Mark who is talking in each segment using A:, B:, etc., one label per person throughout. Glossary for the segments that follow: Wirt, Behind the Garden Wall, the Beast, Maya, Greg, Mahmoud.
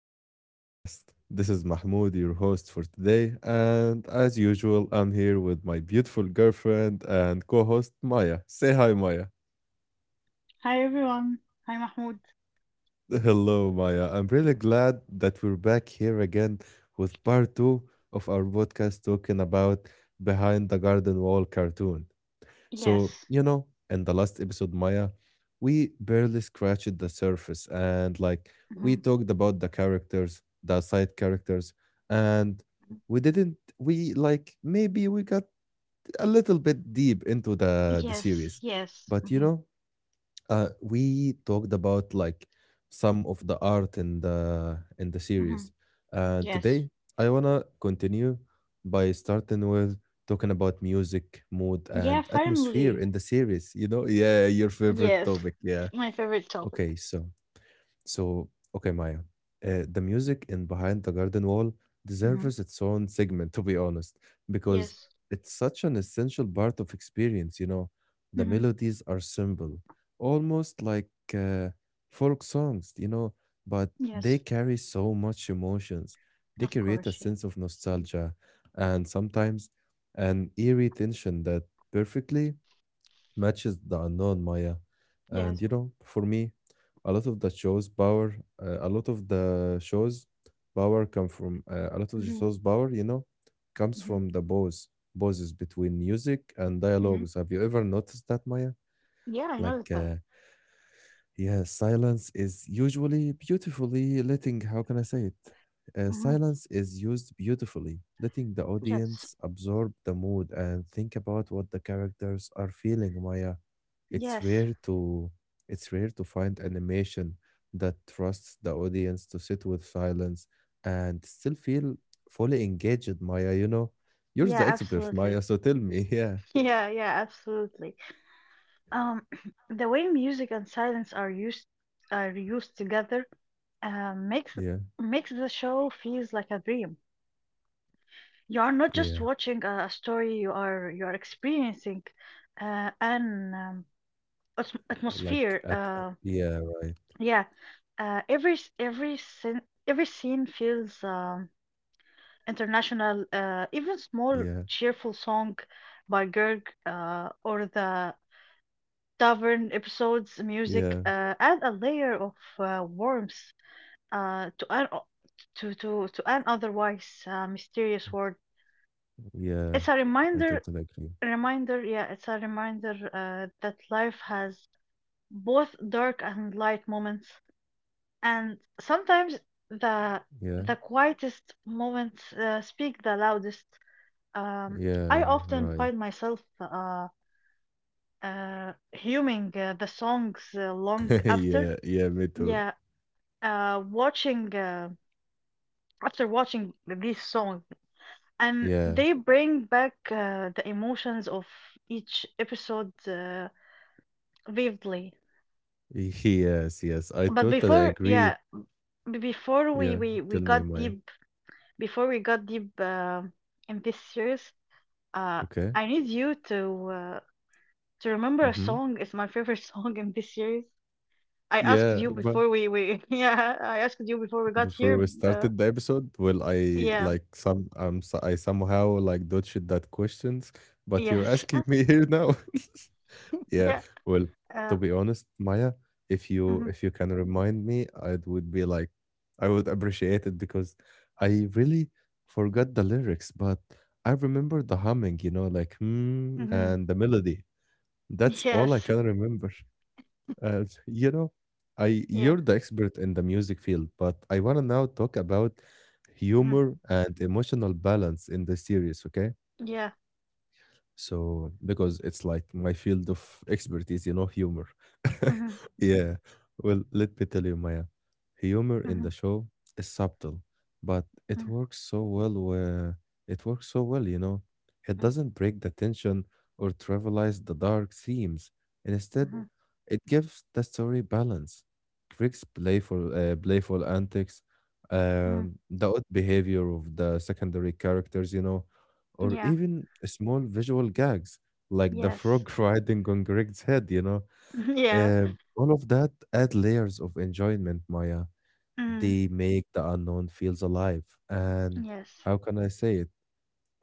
A: of our podcast. This is Mahmoud, your host for today, and as usual, I'm here with my beautiful girlfriend and co host Maya. Say hi, Maya.
B: Hi everyone. Hi Mahmoud.
A: Hello, Maya. I'm really glad that we're back here again with part 2 of our podcast talking about Behind the Garden Wall cartoon. So,
B: Yes.
A: you know, in the last episode, Maya, we barely scratched the surface, and like
B: Right.
A: we talked about the characters, the side characters, and we didn't we like maybe we got a little bit deep into the
B: Yes.
A: series.
B: Yes.
A: But you know, we talked about like some of the art in the series.
B: Hmm
A: And
B: Yes.
A: today I want to continue by starting with talking about music, mood,
B: Yeah.
A: and atmosphere
B: Finally.
A: in the series, you know. Yeah, your favorite
B: Yes.
A: topic. Yeah,
B: My favorite
A: okay,
B: topic.
A: so, okay, Maya, the music in Behind the Garden Wall
B: hmm
A: deserves its own segment, to be honest, because
B: Yes.
A: it's such an essential part of experience, you know. The
B: hmm
A: melodies are simple, almost like uh, folk songs, you know, but
B: Yes.
A: they carry so much emotions. They
B: Of
A: create a
B: course. Yeah.
A: sense of
B: Mm.
A: nostalgia, and sometimes an eerie tension that perfectly matches the unknown, Maya. And
B: Yes.
A: you know, for me, a lot of the shows power, a lot of the shows power come from a lot of the
B: hmm
A: shows power, you know, comes
B: hmm
A: from the pauses between music and
B: hmm
A: dialogues. Have you ever noticed that, Maya?
B: Yeah. I
A: Like.
B: noticed that.
A: Uh, yeah, silence is usually beautifully letting, how can I say it?
B: hmm
A: Silence is used beautifully, letting the
B: Yes.
A: audience absorb the mood and think about what the characters are feeling, Maya. It's
B: Yes.
A: rare to it's rare to find animation that trusts the audience to sit with silence and still feel fully engaged, Maya, you know. You're
B: Yeah.
A: the expert,
B: Absolutely.
A: Maya, so tell me. Yeah.
B: Yeah. Yeah. Absolutely. Um, the way music and silence are used together uh, makes
A: Yeah.
B: makes the show feels like a dream. You are not just
A: Yeah.
B: watching a story; you are experiencing an atmosphere.
A: Yeah, right.
B: Yeah, every scene feels international. Even small
A: Yeah.
B: cheerful song by Gerg or the tavern episodes music
A: Yeah.
B: add a layer of warmth, uh, to an o- to an otherwise mysterious world.
A: Yeah,
B: It's a
A: I
B: reminder,
A: totally agree.
B: reminder, yeah, it's a reminder that life has both dark and light moments, and sometimes the
A: Yeah,
B: the quietest moments speak the loudest. Um, I
A: yeah,
B: often
A: right.
B: find myself humming the songs uh, long after,
A: Yeah, yeah, me too.
B: yeah, uh, watching uh, after watching these songs, and
A: Yeah,
B: they bring back the emotions of each episode vividly.
A: yes, yes, I
B: But
A: totally
B: before
A: agree.
B: yeah b- before
A: Yeah, tell
B: we
A: me
B: got
A: my
B: deep before we got deep in this series, uh
A: okay.
B: I need you to remember a
A: Mm-hmm.
B: song. It's my favorite song in this series. i asked
A: Yeah,
B: you
A: but
B: before we we I asked you before we got
A: before
B: here.
A: we
B: uh,
A: started the episode, well, I
B: yeah.
A: like some so I somehow like dodged that questions, but you're
B: Yes.
A: asking me here now. Yeah.
B: Yeah.
A: Well, to
B: uh,
A: be honest, Maya, if you
B: mhm.
A: if you can remind me, it would be like I would appreciate it, because I really forgot the lyrics, but I remember the humming, you know, like hmm,
B: Mm. Mhm.
A: and the melody. That's all I
B: Yes.
A: can remember. You know, I
B: Yeah.
A: you're the expert in the music field, but I want to now talk about
B: Mhm.
A: humor and emotional balance in the series, okay?
B: Yeah.
A: So because it's like my field of expertise, you know, humor.
B: Mhm.
A: Yeah. Well, let me tell you, Maya, humor in
B: Mhm.
A: the show is subtle, but
B: Mm.
A: it works so well, you know. It
B: Mm.
A: doesn't break the tension or trivialize the dark themes.
B: Mm.
A: Instead,
B: Mhm.
A: it gives the story balance. Craig's playful antics,
B: Mm.
A: the odd behavior of the secondary characters, you know, or
B: Yeah.
A: even small visual gags like the frog
B: Yes.
A: riding on Greg's head, you know.
B: Yeah.
A: Uh, all of that add layers of enjoyment, Maya.
B: Mm.
A: They make the unknown feels alive. And
B: Yes.
A: how can I say it?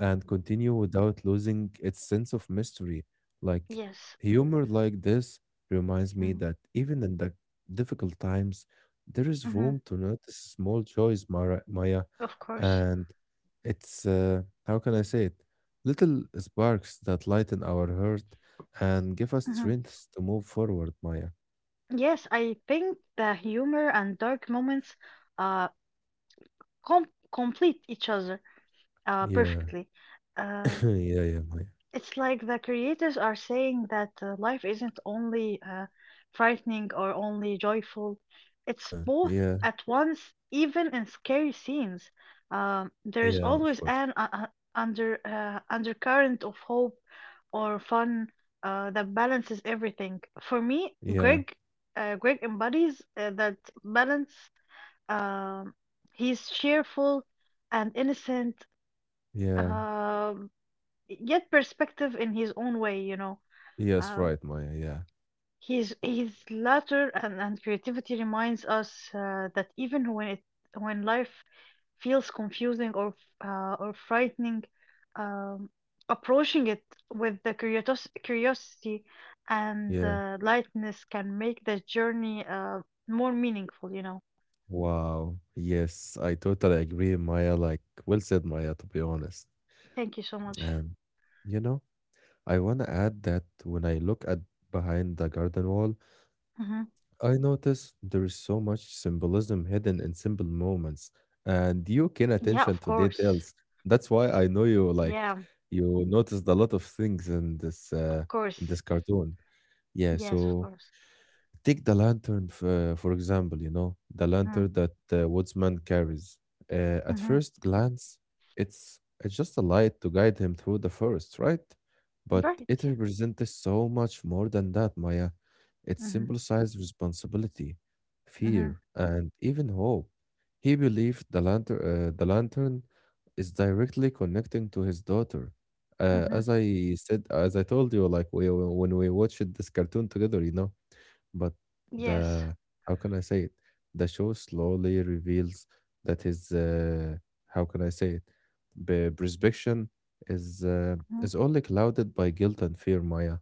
A: And continue without losing its sense of mystery. Like
B: Yes.
A: humor like this reminds me
B: Mm.
A: that even in the difficult times, there
B: Mm.
A: is room to notice small joys, Mara, Maya,
B: Of course.
A: and it's how can I say it? Little sparks that lighten our heart and give us
B: hmm
A: strength to move forward, Maya.
B: Yes, I think the humor and dark moments uh com complete each other
A: Yeah,
B: perfectly. Um
A: yeah, yeah, Maya.
B: It's like the creators are saying that life isn't only frightening or only joyful.
A: Yeah,
B: It's
A: yeah,
B: both at once, even in scary scenes. There is
A: yeah, of
B: always
A: course.
B: an undercurrent of hope or fun that balances everything. For me,
A: Yeah,
B: Greg, Greg embodies that balance. Um he's cheerful and innocent.
A: yeah,
B: Um Yet perspective in his own way, you know.
A: yes,
B: um,
A: right, Maya. Yeah,
B: his his laughter and creativity reminds us that even when it when life feels confusing or frightening, um, approaching it with the curiosity and
A: yeah.
B: lightness can make the journey more meaningful, you know.
A: Wow. Yes, I totally agree, Maya. Like, well said, Maya, to be honest.
B: Thank you so much.
A: And, you know, I want to add that when I look at Behind the Garden Wall,
B: hmm
A: I notice there is so much symbolism hidden in simple moments. And you can
B: yeah,
A: attention
B: of
A: to
B: course.
A: details. That's why I know you like
B: Yeah,
A: you noticed a lot of things in this
B: of
A: uh
B: course.
A: in this cartoon. Yeah,
B: Yes, of
A: so
B: course.
A: take the lantern, for example, you know, the
B: hmm
A: lantern that woodsman carries. At
B: hmm
A: first glance, it's just a light to guide him through the forest, right? But
B: right,
A: it
B: yeah.
A: represents so much more than that, Maya. It
B: hmm
A: symbolizes responsibility,
B: Mhm.
A: fear, and even hope. He believed the lantern is directly connecting to his daughter.
B: Mhm.
A: As I said, as I told you, like we when we watched this cartoon together, you know. But
B: Yes.
A: the how can I say it? The show slowly reveals that his how can I say it? Prescription is uh,
B: Mhm.
A: is only clouded by guilt and fear, Maya.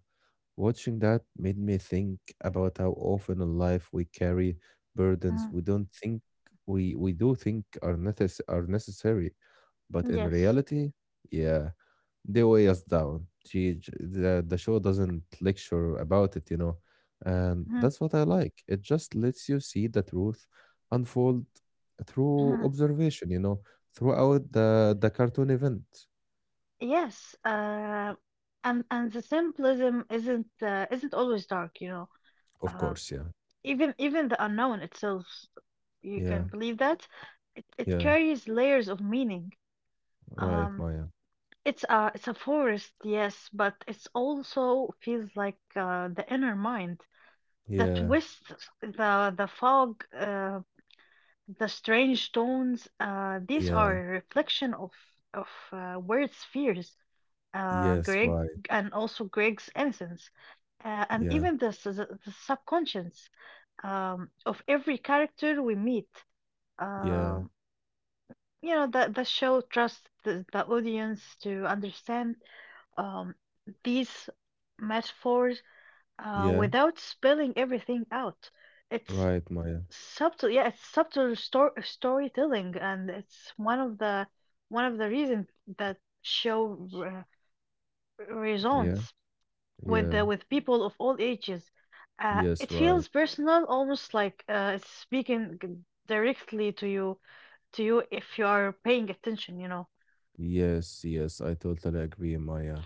A: Watching that made me think about how often in life we carry burdens
B: Mhm.
A: we don't think we do think are are necessary, but in
B: Yes.
A: reality, yeah, they weigh us down. The show doesn't lecture about it, you know, and
B: Mhm.
A: that's what I like. It just lets you see the truth unfold through
B: Mhm.
A: observation, you know, throughout the cartoon event.
B: Yes. And the symbolism isn't, isn't always dark, you know.
A: Of
B: Uh,
A: course, yeah,
B: even the unknown itself, you
A: yeah,
B: can believe that. It
A: yeah,
B: carries layers of meaning.
A: right,
B: Um,
A: Maya.
B: it's a it's a forest, yes, but it's also feels like the inner mind that
A: Yeah,
B: twists the fog. The strange tones, these are
A: yeah,
B: a reflection of Word's fears, uh,
A: yes,
B: Greg,
A: right,
B: and also Greg's innocence, and
A: yeah,
B: even the, subconscious, of every character we meet.
A: yeah,
B: Um, you know that the show trusts the audience to understand, um, these metaphors
A: yeah,
B: without spelling everything out. It's
A: right, Maya.
B: Subtle, yeah, it's subtle storytelling, and it's one of the reasons that show re
A: Yeah,
B: resonates with
A: yeah,
B: with people of all ages. It
A: yes, right.
B: feels personal, almost like it's speaking, directly to you, if you are paying attention, you know.
A: Yes, yes, I totally agree, Maya.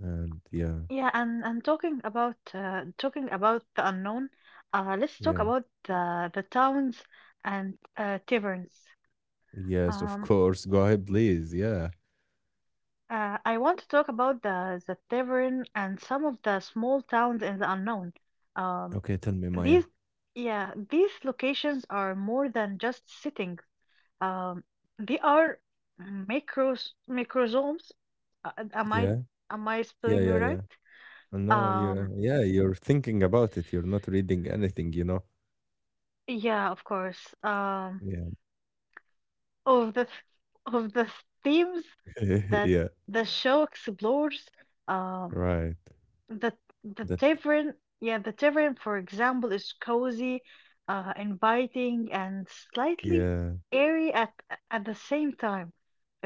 A: And yeah,
B: Yeah, and talking about the unknown, let's talk
A: yeah.
B: about the towns and taverns.
A: Yes, of
B: Um,
A: course. Go ahead, please. Yeah.
B: Uh, I want to talk about the tavern and some of the small towns in the unknown. Um,
A: Okay, tell me, Maya.
B: these, yeah, these locations are more than just sitting. Um, they are microsomes. Am I
A: Yeah, yeah,
B: spelling it
A: yeah, yeah.
B: right?
A: I know
B: Um,
A: you. Yeah, you're thinking about it. You're not reading anything, you know?
B: yeah, of course.
A: Yeah.
B: Of the of the themes that
A: Yeah,
B: the show explores. Um,
A: right.
B: The the
A: That,
B: tavern, for example, is cozy, inviting, and slightly
A: yeah.
B: airy at the same time,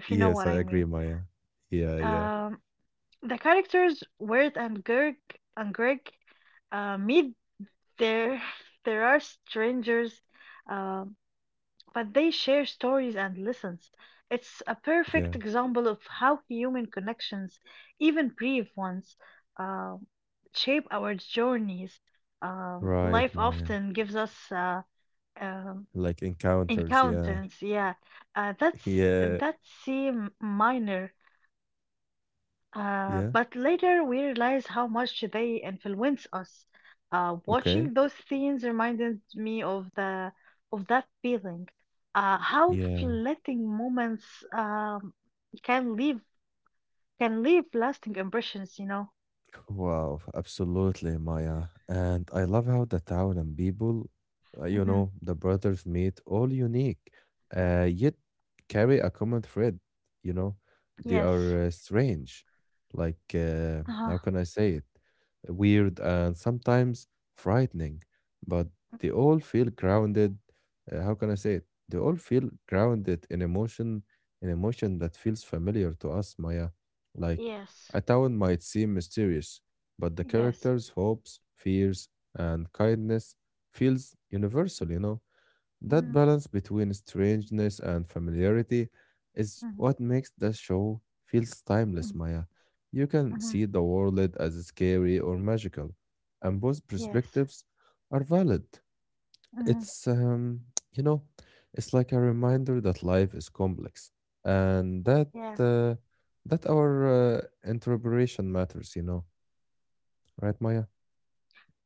B: if you know
A: I
B: what I
A: agree,
B: mean.
A: Maya. Yeah, yeah,
B: Um, the characters Word and Gerg and Greg meet there. There are strangers. Um, but they share stories and lessons. It's a
A: yeah.
B: perfect example of how human connections, even brief ones, uh, shape our journeys.
A: Right,
B: Life
A: Maya.
B: often gives us um,
A: Like encounters, yeah.
B: encounters, yeah, uh, that's
A: Yeah,
B: that seem minor
A: yeah.
B: but later we realized how much they influence us.
A: Okay.
B: Watching those scenes reminded me of the of that feeling. How
A: Yeah.
B: fleeting moments, um, can leave lasting impressions, you know.
A: Wow, absolutely, Maya. And I love how the town and people, you
B: hmm
A: know, the brothers meet all unique, yet carry a common thread, you know. They
B: Yes.
A: are strange, like,
B: Uh-huh.
A: how can I say it? Weird and sometimes frightening, but they all feel grounded. How can I say it? They all feel grounded in emotion that feels familiar to us, Maya. Like,
B: Yes.
A: a town might seem mysterious, but the
B: Yes.
A: characters' hopes, fears, and kindness feels universal, you know.
B: Mm-hmm.
A: That balance between strangeness and familiarity is
B: Mm-hmm.
A: what makes the show feels
B: Mm-hmm.
A: timeless, Maya. You can
B: Mm-hmm.
A: see the world as scary or magical, and both
B: Yes.
A: perspectives are valid.
B: Mm-hmm.
A: It's, um, you know, it's like a reminder that life is complex, and
B: Yeah.
A: uh, that our interpretation matters, you know, right, Maya?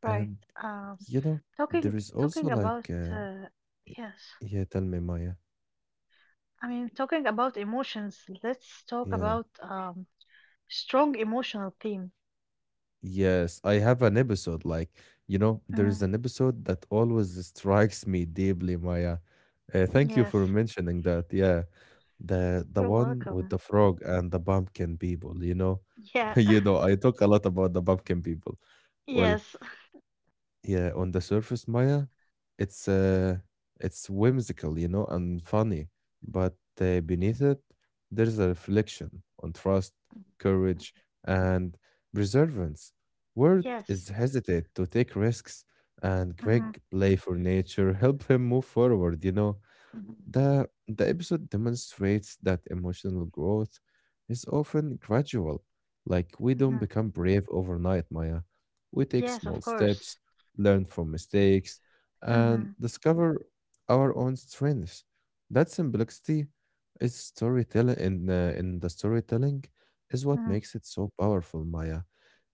B: Right.
A: And
B: Um,
A: you know, there
B: talking
A: is also
B: talking about
A: like,
B: uh,
A: y-
B: yes.
A: yeah, tell me, Maya,
B: I mean, talking about emotions, let's talk
A: yeah.
B: about, strong emotional theme.
A: Yes, I have an episode. Like, you know, there is
B: Mm.
A: an episode that always strikes me deeply, Maya. Thank you
B: Yes,
A: for mentioning that. Yeah, the
B: you're
A: one with
B: welcome.
A: the frog and the pumpkin people. You know,
B: Yeah.
A: you know, I talk a lot about the pumpkin people. Well,
B: Yes.
A: yeah, on the surface, Maya, it's uh, it's whimsical, you know, and funny, but beneath it, there's a reflection on trust, courage, and perseverance. Word
B: Yes.
A: is hesitate to take risks, and
B: hmm
A: Greg play for nature help him move forward, you know. The episode demonstrates that emotional growth is often gradual. Like, we don't
B: hmm
A: become brave overnight, Maya. We take
B: Yes,
A: small
B: of course.
A: steps, learn from mistakes, and
B: hmm
A: discover our own strengths. That simplicity is storytelling, in the storytelling, is what
B: mm
A: makes it so powerful, Maya.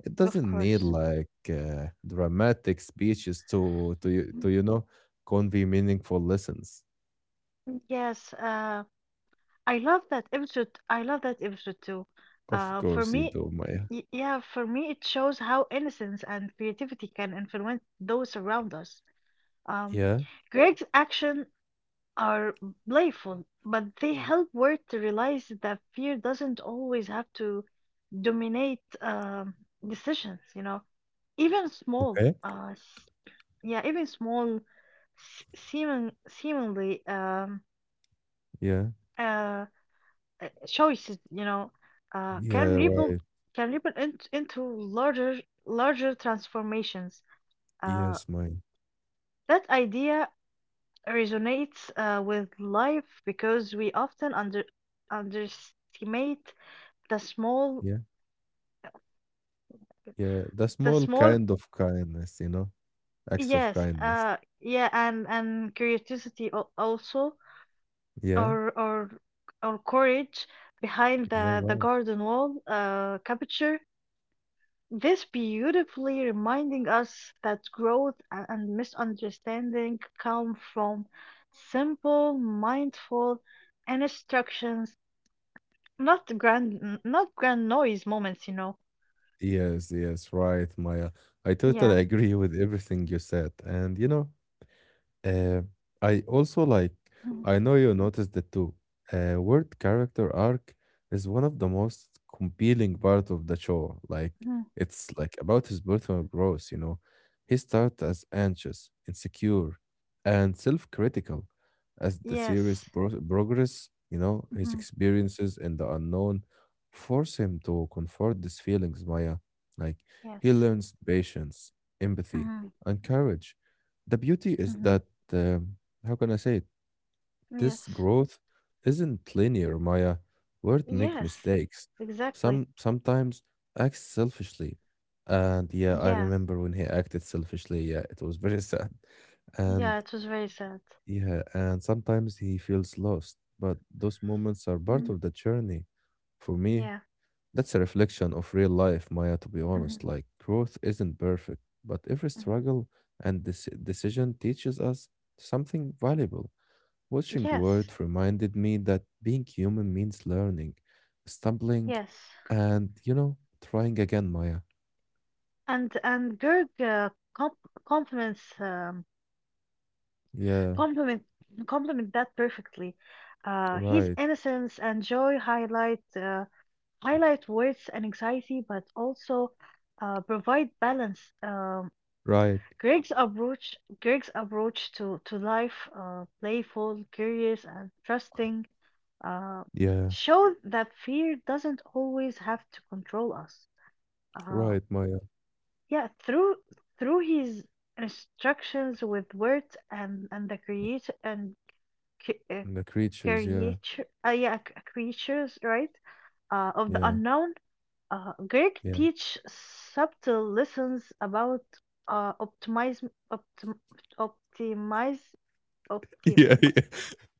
A: It
B: Of
A: doesn't need
B: course.
A: like dramatic speeches
B: Mm.
A: to you know convey meaningful lessons.
B: Yes, I love that episode. I love that episode too.
A: Of
B: For
A: course you
B: me,
A: do, Maya.
B: it shows how innocence and creativity can influence those around us. Um,
A: Yeah.
B: Greg's action are playful, but they help Word to realize that fear doesn't always have to dominate, decisions. You know, even small,
A: Okay.
B: seeming seemingly,
A: Yeah.
B: uh, choices, you know, can
A: Yeah.
B: ripple
A: Right.
B: into larger transformations. Uh,
A: Yes, Maya.
B: that idea resonates with life because we often underestimate the small
A: Yeah. Yeah. The
B: the
A: small
B: small
A: kind of kindness, you know, acts of
B: yes
A: kindness.
B: yeah and curiosity, also,
A: Yeah.
B: or or courage behind
A: Yeah.
B: the
A: Right.
B: garden wall, capture this beautifully, reminding us that growth and misunderstanding come from simple mindful instructions. Not grand, not grand noise moments, you know.
A: Yes. Yes. Right, Maya. I
B: Yeah.
A: totally agree with everything you said. And, you know, Uh, I also like, I know you noticed it too. Word character arc is one of the most compelling part of the show. Like,
B: Mm-hmm.
A: it's like about his personal growth, you know. He starts as anxious, insecure, and self-critical. As the series
B: Yes.
A: progress, you know, his
B: Mm-hmm.
A: experiences in the unknown force him to confront these feelings, Maya. Like, he
B: Yes.
A: learns patience, empathy,
B: Mm-hmm.
A: and courage. The beauty is
B: Mm-hmm.
A: that um, how can I say it? This
B: Yes.
A: growth isn't linear, Maya. Words make
B: Yes.
A: mistakes.
B: Exactly.
A: Sometimes acts selfishly, and yeah, I
B: Yeah.
A: remember when he acted selfishly. Yeah, it was very sad, and
B: Yeah, it was very sad.
A: yeah, and sometimes he feels lost. But those moments are part
B: Mm-hmm.
A: of the journey. For me,
B: Yeah.
A: that's a reflection of real life, Maya. To be honest,
B: Mm-hmm.
A: like growth isn't perfect, but every
B: Mm-hmm.
A: struggle and this decision teaches us something valuable. Watching Word
B: Yes.
A: reminded me that being human means learning, stumbling,
B: Yes.
A: and, you know, trying again, Maya.
B: And Gerg, comp- compliments
A: Yeah,
B: compliment compliment that perfectly. His
A: right,
B: innocence and joy highlight words and anxiety, but also provide balance.
A: right.
B: Greg's approach to life, playful, curious, and trusting, uh,
A: Yeah,
B: showed that fear doesn't always have to control us. Uh,
A: right, Maya.
B: yeah, Through his instructions with words and the create and c-
A: The creatures, yeah,
B: creature, yeah, c- creatures, right? Of the
A: yeah,
B: unknown, Greek
A: yeah.
B: teach subtle lessons about optimism, optim, optimize, optim.
A: Yeah, yeah.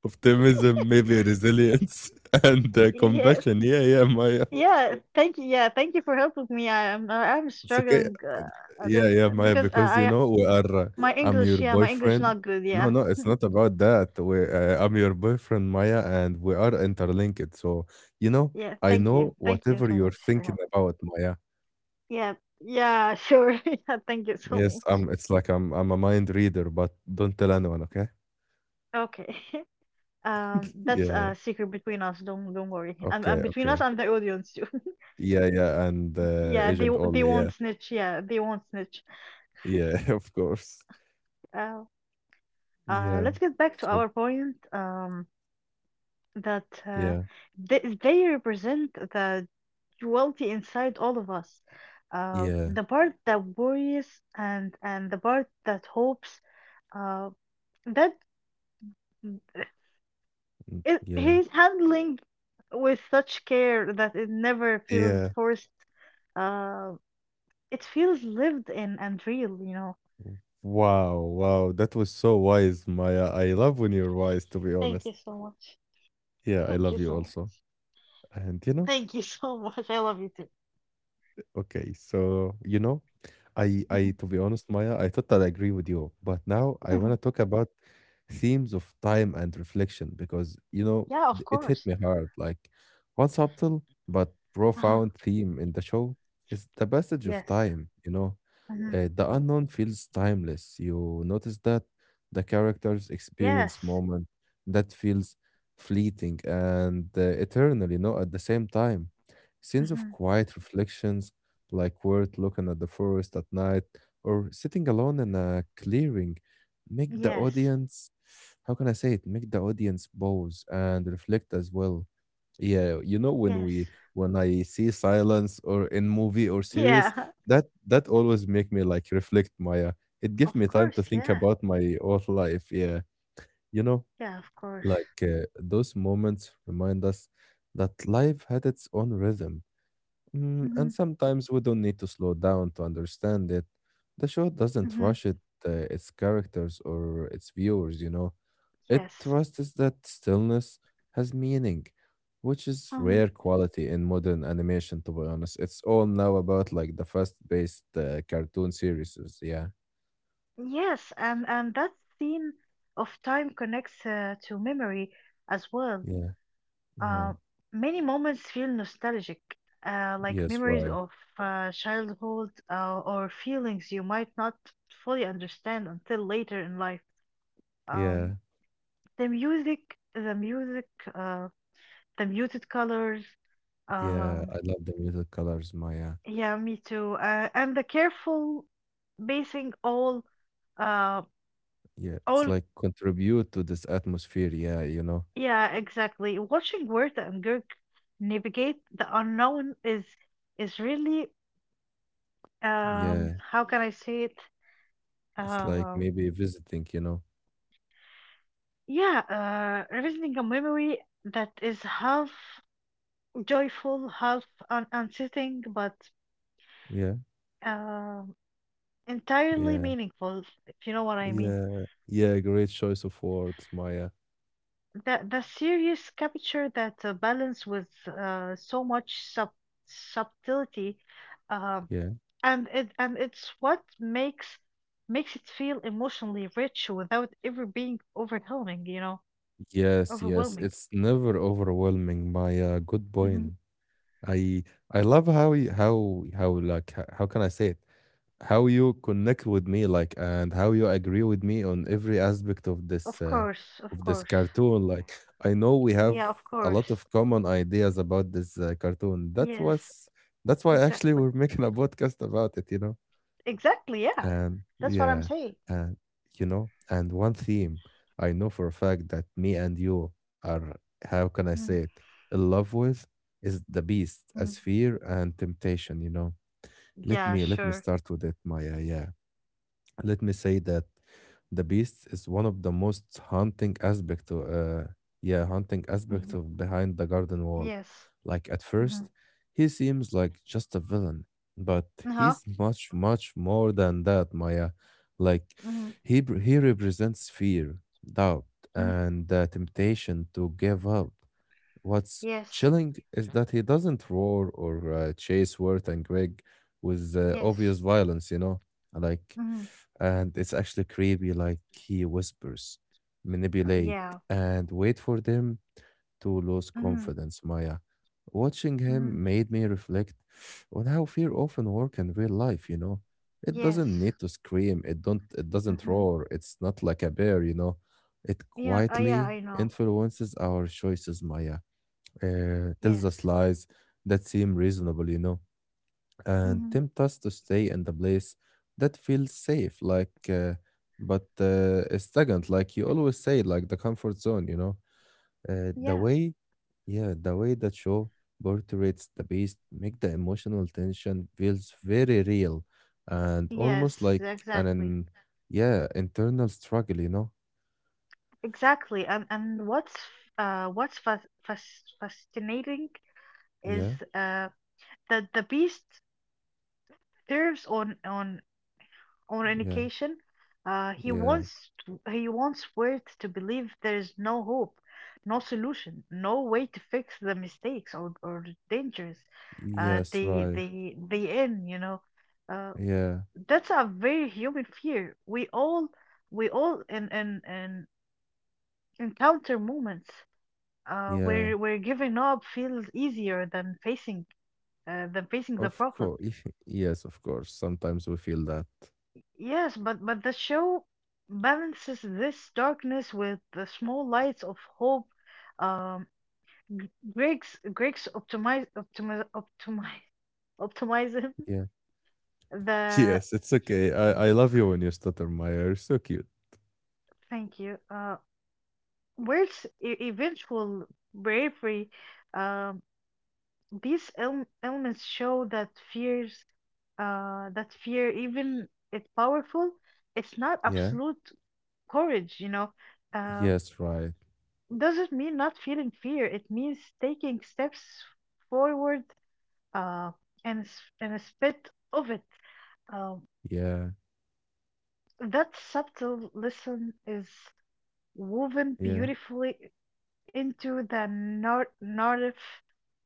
A: Optimism, maybe resilience and
B: Yes,
A: compassion. Yeah, yeah, Maya.
B: yeah. Thank you. Yeah, thank you for helping me. I am
A: It's okay.
B: struggling, a
A: Yeah,
B: little-
A: yeah, Maya,
B: because
A: because you
B: I,
A: know we are.
B: my
A: I'm
B: English.
A: your
B: Yeah, my English
A: boyfriend.
B: not good. Yeah,
A: No, no, it's not about that. I'm your boyfriend, Maya, and we are interlinked. So you know,
B: yeah.
A: I
B: Thank you.
A: know
B: Thank you
A: whatever
B: so
A: you're
B: much for
A: thinking
B: help.
A: about, Maya.
B: Yeah, yeah. Sure. Yeah. Thank you so
A: Yes,
B: much.
A: I'm. It's like I'm. I'm a mind reader, but don't tell anyone, okay?
B: Okay. That's
A: Yeah.
B: a secret between us. Don't worry. And,
A: Okay.
B: between us
A: Okay.
B: and the audience too.
A: Yeah. Yeah. And
B: Yeah, they
A: agent
B: they
A: only. Yeah.
B: won't snitch.
A: Yeah. Of course.
B: Uh,
A: Yeah.
B: let's get back to
A: So.
B: our point. That
A: Yeah.
B: they represent the duality inside all of us.
A: Yeah.
B: The part that worries and the part that hopes. Uh, that
A: Mm,
B: it,
A: yeah.
B: he's handling with such care that it never feels
A: Yeah.
B: forced. Uh, it feels lived in and real, you know.
A: Wow, wow, that was so wise, Maya. I love when you're wise, to be
B: Thank you
A: honest.
B: so much.
A: Yeah, I
B: Thank
A: love
B: you
A: you
B: so
A: also.
B: much.
A: And you know,
B: Thank you so much. I love you too.
A: okay, so you know, I,
B: Mhm.
A: to be honest, Maya, I thought I'd agree with you, but now I
B: Mhm.
A: want to talk about themes of time and reflection because you know,
B: Yeah, of
A: it hit
B: course.
A: me hard. Like one subtle but
B: Ah,
A: profound theme in the show is the passage of
B: yes.
A: time, you know.
B: Mhm.
A: The unknown feels timeless. You notice that the characters experience
B: Yes.
A: moment that feels fleeting and eternal, you know, at the same time. Scenes of
B: Mhm.
A: quiet reflections, like Wirt looking at the forest at night or sitting alone in a clearing, make the
B: Yes.
A: audience, how can I say it, make the audience pause and reflect as well, yeah, you know when
B: Yes.
A: we when I see silence or in movie or series,
B: Yeah.
A: that always make me like reflect, Maya. It give
B: Of
A: me time to
B: course.
A: think
B: Yeah.
A: about my own life. Yeah, you know,
B: Yeah. Of course.
A: like those moments remind us that life had its own rhythm, and
B: Mhm.
A: sometimes we don't need to slow down to understand it. The show doesn't
B: Mhm.
A: rush it, its characters or its viewers. You know. It
B: Yes.
A: trusts that stillness has meaning, which is
B: Um.
A: rare quality in modern animation, to be honest. It's all now about like the fast-paced cartoon series. Yeah,
B: Yes. And that scene of time connects to memory as well.
A: yeah, yeah.
B: Uh, many moments feel nostalgic, like
A: Yes,
B: memories
A: right.
B: of childhood or feelings you might not fully understand until later in life. Um,
A: Yeah,
B: the music, the music, uh, the muted colors.
A: yeah.
B: Um,
A: I love the muted colors, Maya.
B: yeah, me too. And the careful basing uh,
A: Yeah, it's
B: all.
A: like contribute to this atmosphere. Yeah, you know.
B: Yeah, exactly. Watching Werther and Gerg navigate the unknown is really, um,
A: Yeah,
B: how can I say it?
A: it's like
B: Um,
A: maybe visiting, you know.
B: yeah, revisiting a memory that is half joyful, half un unsettling, but
A: Yeah,
B: um, entirely
A: yeah,
B: meaningful, if you know what I mean.
A: yeah, yeah. Great choice of words, Maya.
B: The series capture that balance with so much subtlety, um,
A: Yeah.
B: and it, and it's what makes it feel emotionally rich without ever being
A: Yes, yes,
B: overwhelming.
A: it's never overwhelming. My good
B: Mm-hmm.
A: point. I love how you, how like how can I say it? How you connect with me, like, and how you agree with me on every aspect
B: Of course, of
A: of this
B: course.
A: cartoon. Like, I know we have
B: Yeah, of
A: a lot
B: course.
A: of common ideas about this cartoon.
B: Yes,
A: That's why actually
B: exactly.
A: we're making a podcast about it, you know.
B: Exactly, yeah.
A: And
B: That's what I'm
A: yeah,
B: saying.
A: and you know, and one theme I know for a fact that me and you are,
B: Mm-hmm.
A: how can I say it, in love with is the beast as fear and temptation, you know.
B: Yeah,
A: Let me let
B: sure.
A: me start with it, Maya. Yeah. Let me say that the beast is one of the most haunting aspect o- yeah haunting aspect
B: hmm
A: of Behind the Garden Wall.
B: Yes.
A: Like at first
B: hmm
A: he seems like just a villain, but
B: Uh-huh.
A: he's much more than that, Maya. Like
B: hmm
A: he represents fear, doubt,
B: hmm
A: and the temptation to give up. What's
B: Yes.
A: chilling is that he doesn't roar or chase Wirt and Greg with
B: Yes.
A: obvious violence, you know. Like,
B: hmm
A: and it's actually creepy, like he whispers,
B: Oh,
A: manipulate,
B: yeah.
A: and wait for them to lose
B: hmm
A: confidence, Maya. Watching
B: hmm
A: him made me reflect on how fear often work in real life, you know. It
B: Yes.
A: doesn't need to scream, it doesn't
B: hmm
A: roar, it's not like a bear, you know. It
B: Yeah, yeah,
A: quietly
B: I know.
A: influences our choices, Maya. Tells us
B: Yes.
A: lies that seem reasonable, you know, and
B: hmm
A: tempt us to stay in the place that feels safe, like but stagnant, like you always say, like the comfort zone, you know. Uh, the
B: Yeah.
A: way, yeah, the way that show portrays the beast make the emotional tension feels very real and almost
B: Yes,
A: like an,
B: exactly.
A: an yeah internal struggle, you know.
B: Exactly. And what's uh what's fas fas fascinating is
A: Yeah,
B: uh the beast serves on an
A: yeah,
B: occasion.
A: yeah,
B: He wants Wirt to believe there is no hope, no solution, no way to fix the mistakes or the dangers,
A: yes, right,
B: they in you know. Uh,
A: yeah,
B: that's a very human fear. We all in encounter moments
A: yeah.
B: where giving up feels easier than facing, the
A: Of
B: problem.
A: course, yes, of course. Sometimes we feel that.
B: Yes, but the show balances this darkness with the small lights of hope. Um, G- Greg's Greg's optimize optimize optimize optimism.
A: Yeah.
B: The
A: Yes, it's okay. I
B: um,
A: love you when you stutter, Maya. You're so cute.
B: Thank you. Where's eventual bravery? Um, these elements show that fears, even it's powerful, it's not
A: Yeah.
B: absolute courage. You know, uh,
A: Yes, right.
B: doesn't mean not feeling fear. It means taking steps forward, uh, and a spit of it. Um,
A: Yeah.
B: that subtle lesson is woven
A: Yeah.
B: beautifully into the narrative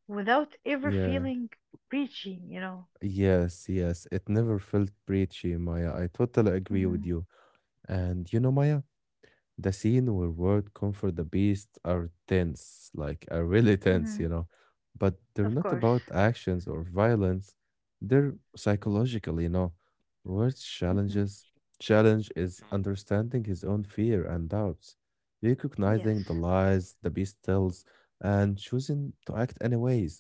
B: without ever
A: Yeah.
B: feeling preachy, you know.
A: Yes, yes. It never felt preachy, Maya. I totally agree with
B: hmm
A: you. And you know, Maya, the scene where Word comfort the beast are tense, like are really tense,
B: hmm
A: you know. But they're
B: Of
A: not
B: course.
A: about actions or violence. They're psychological, you know. Word's
B: hmm
A: challenges Challenge is understanding his own fear and doubts,
B: Yes.
A: recognizing the lies the beast tells, and choosing to act anyways.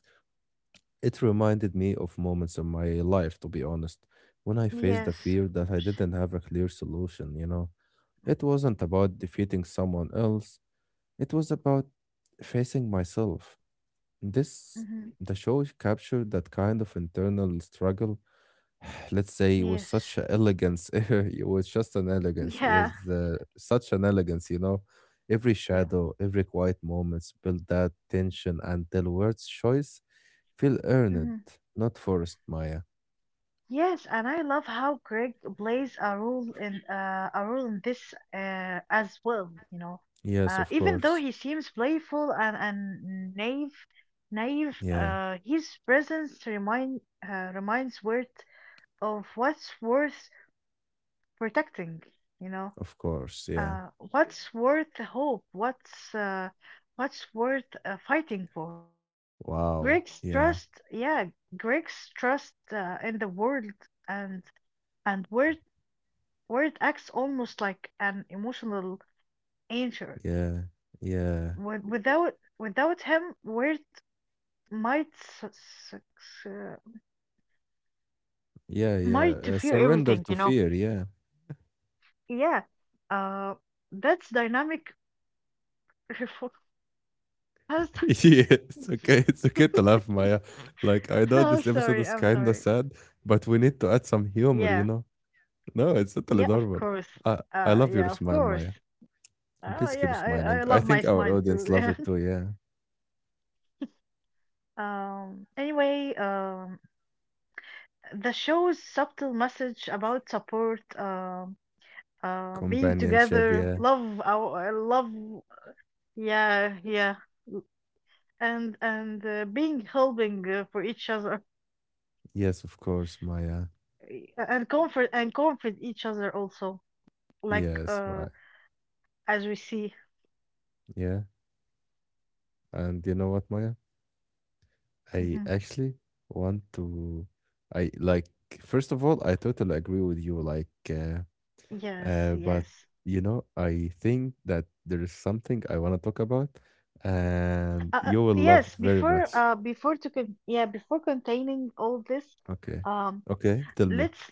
A: It reminded me of moments in my life, to be honest, when I faced the
B: Yes. Of
A: fear that I
B: course.
A: didn't have a clear solution, you know. It wasn't about defeating someone else, it was about facing myself. This,
B: hmm
A: the show captured that kind of internal struggle, let's say, with
B: Yes.
A: such a elegance. It was just an elegance,
B: Yeah.
A: with such an elegance, you know. Every
B: Yeah.
A: shadow, every quiet moments built that tension until words' choice feel earned,
B: Mhm.
A: not forced, Maya.
B: Yes, and I love how Greg plays a role in, this as well. You know,
A: Yes, of
B: even though
A: course.
B: he seems playful and naive,
A: Yeah,
B: his presence reminds Worth of what's worth protecting. You know,
A: of course. Yeah.
B: what's worth hope, what's worth fighting for.
A: Wow.
B: Greg's
A: Yeah.
B: trust, in the world and worth, where it acts almost like an emotional anchor.
A: Yeah. Yeah.
B: Without him, where it might
A: Yeah, yeah.
B: to fear
A: Surrender
B: everything,
A: to
B: you know.
A: fear. Yeah.
B: Yeah, uh, that's dynamic. refor- I'm s-
A: Yeah, it's okay. It's okay to laugh, Maya. Like I know
B: I'm
A: this episode
B: sorry.
A: is kinda sad, but we need to add some humor, you
B: Yeah,
A: know? No, it's totally
B: yeah, of
A: normal.
B: course.
A: I love your
B: Yeah, of
A: smile,
B: course.
A: Maya. And
B: Oh
A: please keep
B: yeah, I
A: smiling. I
B: love my
A: think our
B: smile
A: audience
B: too.
A: love it too, yeah.
B: Um. Anyway, the show's subtle message about support, being
A: Companionship,
B: together,
A: yeah.
B: love, our love yeah yeah and being helping for each other,
A: Yes, of course, Maya.
B: and comfort, each other also, like
A: Yes,
B: uh,
A: right.
B: as we see.
A: Yeah. And you know what, Maya? I
B: Mhm.
A: actually want to I like first of all, I totally agree with you. Like
B: Yes,
A: But
B: yes.
A: you know, I think that there is something I want to talk about, and you will love
B: Yes,
A: very
B: before
A: much.
B: to con- yeah before containing all this,
A: Okay.
B: um,
A: Okay, tell me.
B: let's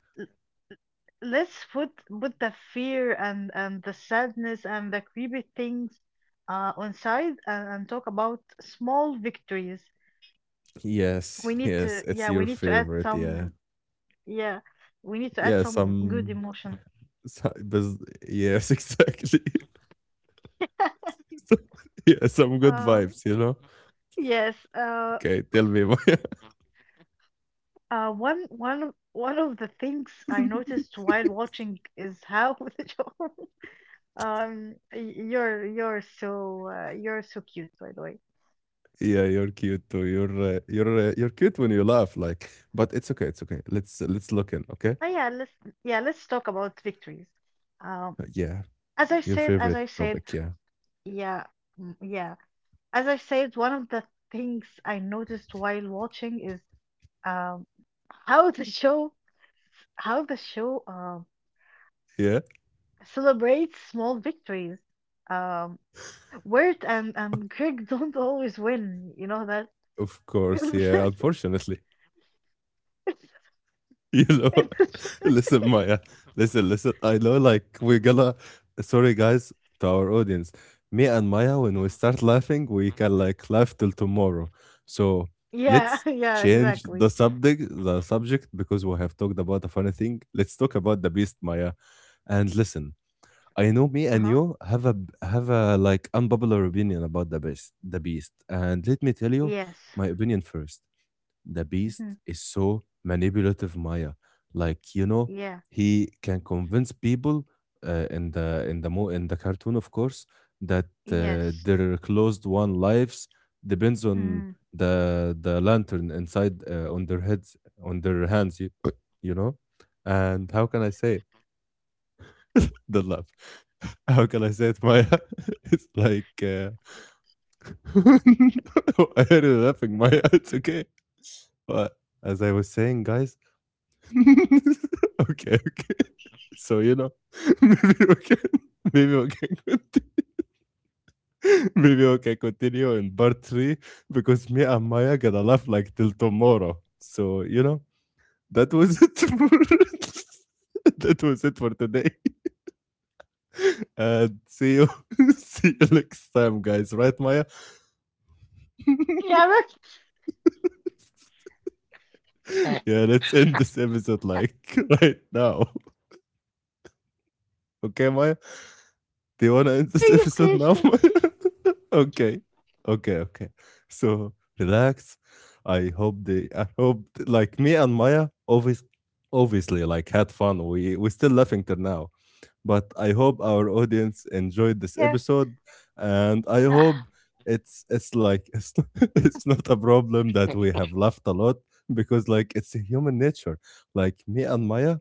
B: put the fear and the sadness and the creepy things on side, and talk about small victories.
A: Yes,
B: We need
A: yes,
B: to,
A: it's
B: yeah, we
A: your
B: need to add
A: favorite. Yeah.
B: some, yeah, we need to add
A: Yeah,
B: some good
A: some,
B: emotion.
A: some bus- yes, exactly. Some- yeah, some good
B: uh
A: vibes, you know.
B: yes.
A: Okay, tell me.
B: One of the things I noticed while watching is how the John, um y- you're, you're so cute, by the way.
A: Yeah, you're cute too. You're you're cute when you laugh like, but it's okay, it's okay. Let's look in, okay?
B: Oh yeah, let's, yeah, let's talk about victories. Um,
A: Yeah,
B: As I
A: your
B: said,
A: favorite topic, yeah.
B: yeah, mm, yeah. As I said, one of the things I noticed while watching is, um, how the show, how the show um,
A: Yeah,
B: celebrates small victories. Um, Wirt and Greg don't always win. You know that.
A: of course, yeah, unfortunately. You know, listen, Maya, listen, listen. I know, like, we're gonna, sorry, guys, to our audience. Me and Maya, when we start laughing, we can, like, laugh till tomorrow. So
B: Yeah,
A: let's
B: yeah,
A: change
B: exactly.
A: the subject, because we have talked about a funny thing. Let's talk about the beast, Maya. And listen, I know me and
B: Uh-huh.
A: you have a like unpopular opinion about the beast. And let me tell you
B: Yes.
A: my opinion first. The beast
B: Mhm.
A: is so manipulative, Maya. Like you know,
B: Yeah.
A: he can convince people in the cartoon, of course, that
B: Yes.
A: their closed one lives depends on
B: Mm.
A: the lantern inside on their heads on their hands. You know, and how can I say? The laugh. How can I say it, Maya? It's like I heard you laughing, Maya. It's okay. But as I was saying, guys. Okay, okay. So you know, maybe we can, maybe we can, okay, maybe we can continue in part three, because me and Maya gonna laugh like till tomorrow. So you know, that was it. That was it for today, and see you, see you next time, guys. Right, Maya?
B: Yeah, right.
A: Yeah, let's end this episode like right now. Okay, Maya? Do you want to end this
B: Okay,
A: episode
B: okay,
A: now,
B: sure.
A: Maya? Okay. Okay, okay. So relax. I hope like me and Maya always obviously like had fun. We're still laughing till now. But I hope our audience enjoyed
B: Yeah.
A: this episode, and I
B: Ah,
A: hope it's not, it's not a problem that we have laughed a lot, because like it's a human nature. Like me and Maya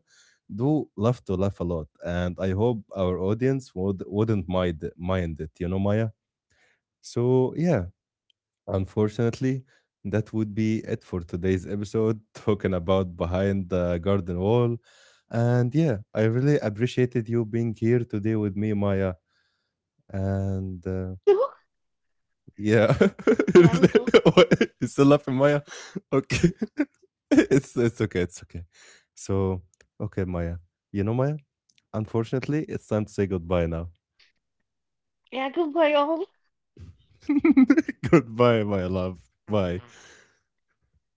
A: do love to laugh a lot, and I hope our audience wouldn't mind it. You know, Maya. So yeah. Unfortunately, that would be it for today's episode, talking about Behind the Garden Wall. And yeah, I really appreciated you being here today with me, Maya. And
B: me too.
A: yeah,
B: Yeah, me too.
A: what? You still laughing, Maya? Okay, it's okay, it's okay. So, okay, Maya, you know, Maya. Unfortunately, it's time to say
B: Yes.
A: goodbye now.
B: Yeah, good boy, Om.
A: Goodbye, my love. Bye.
B: Good boy.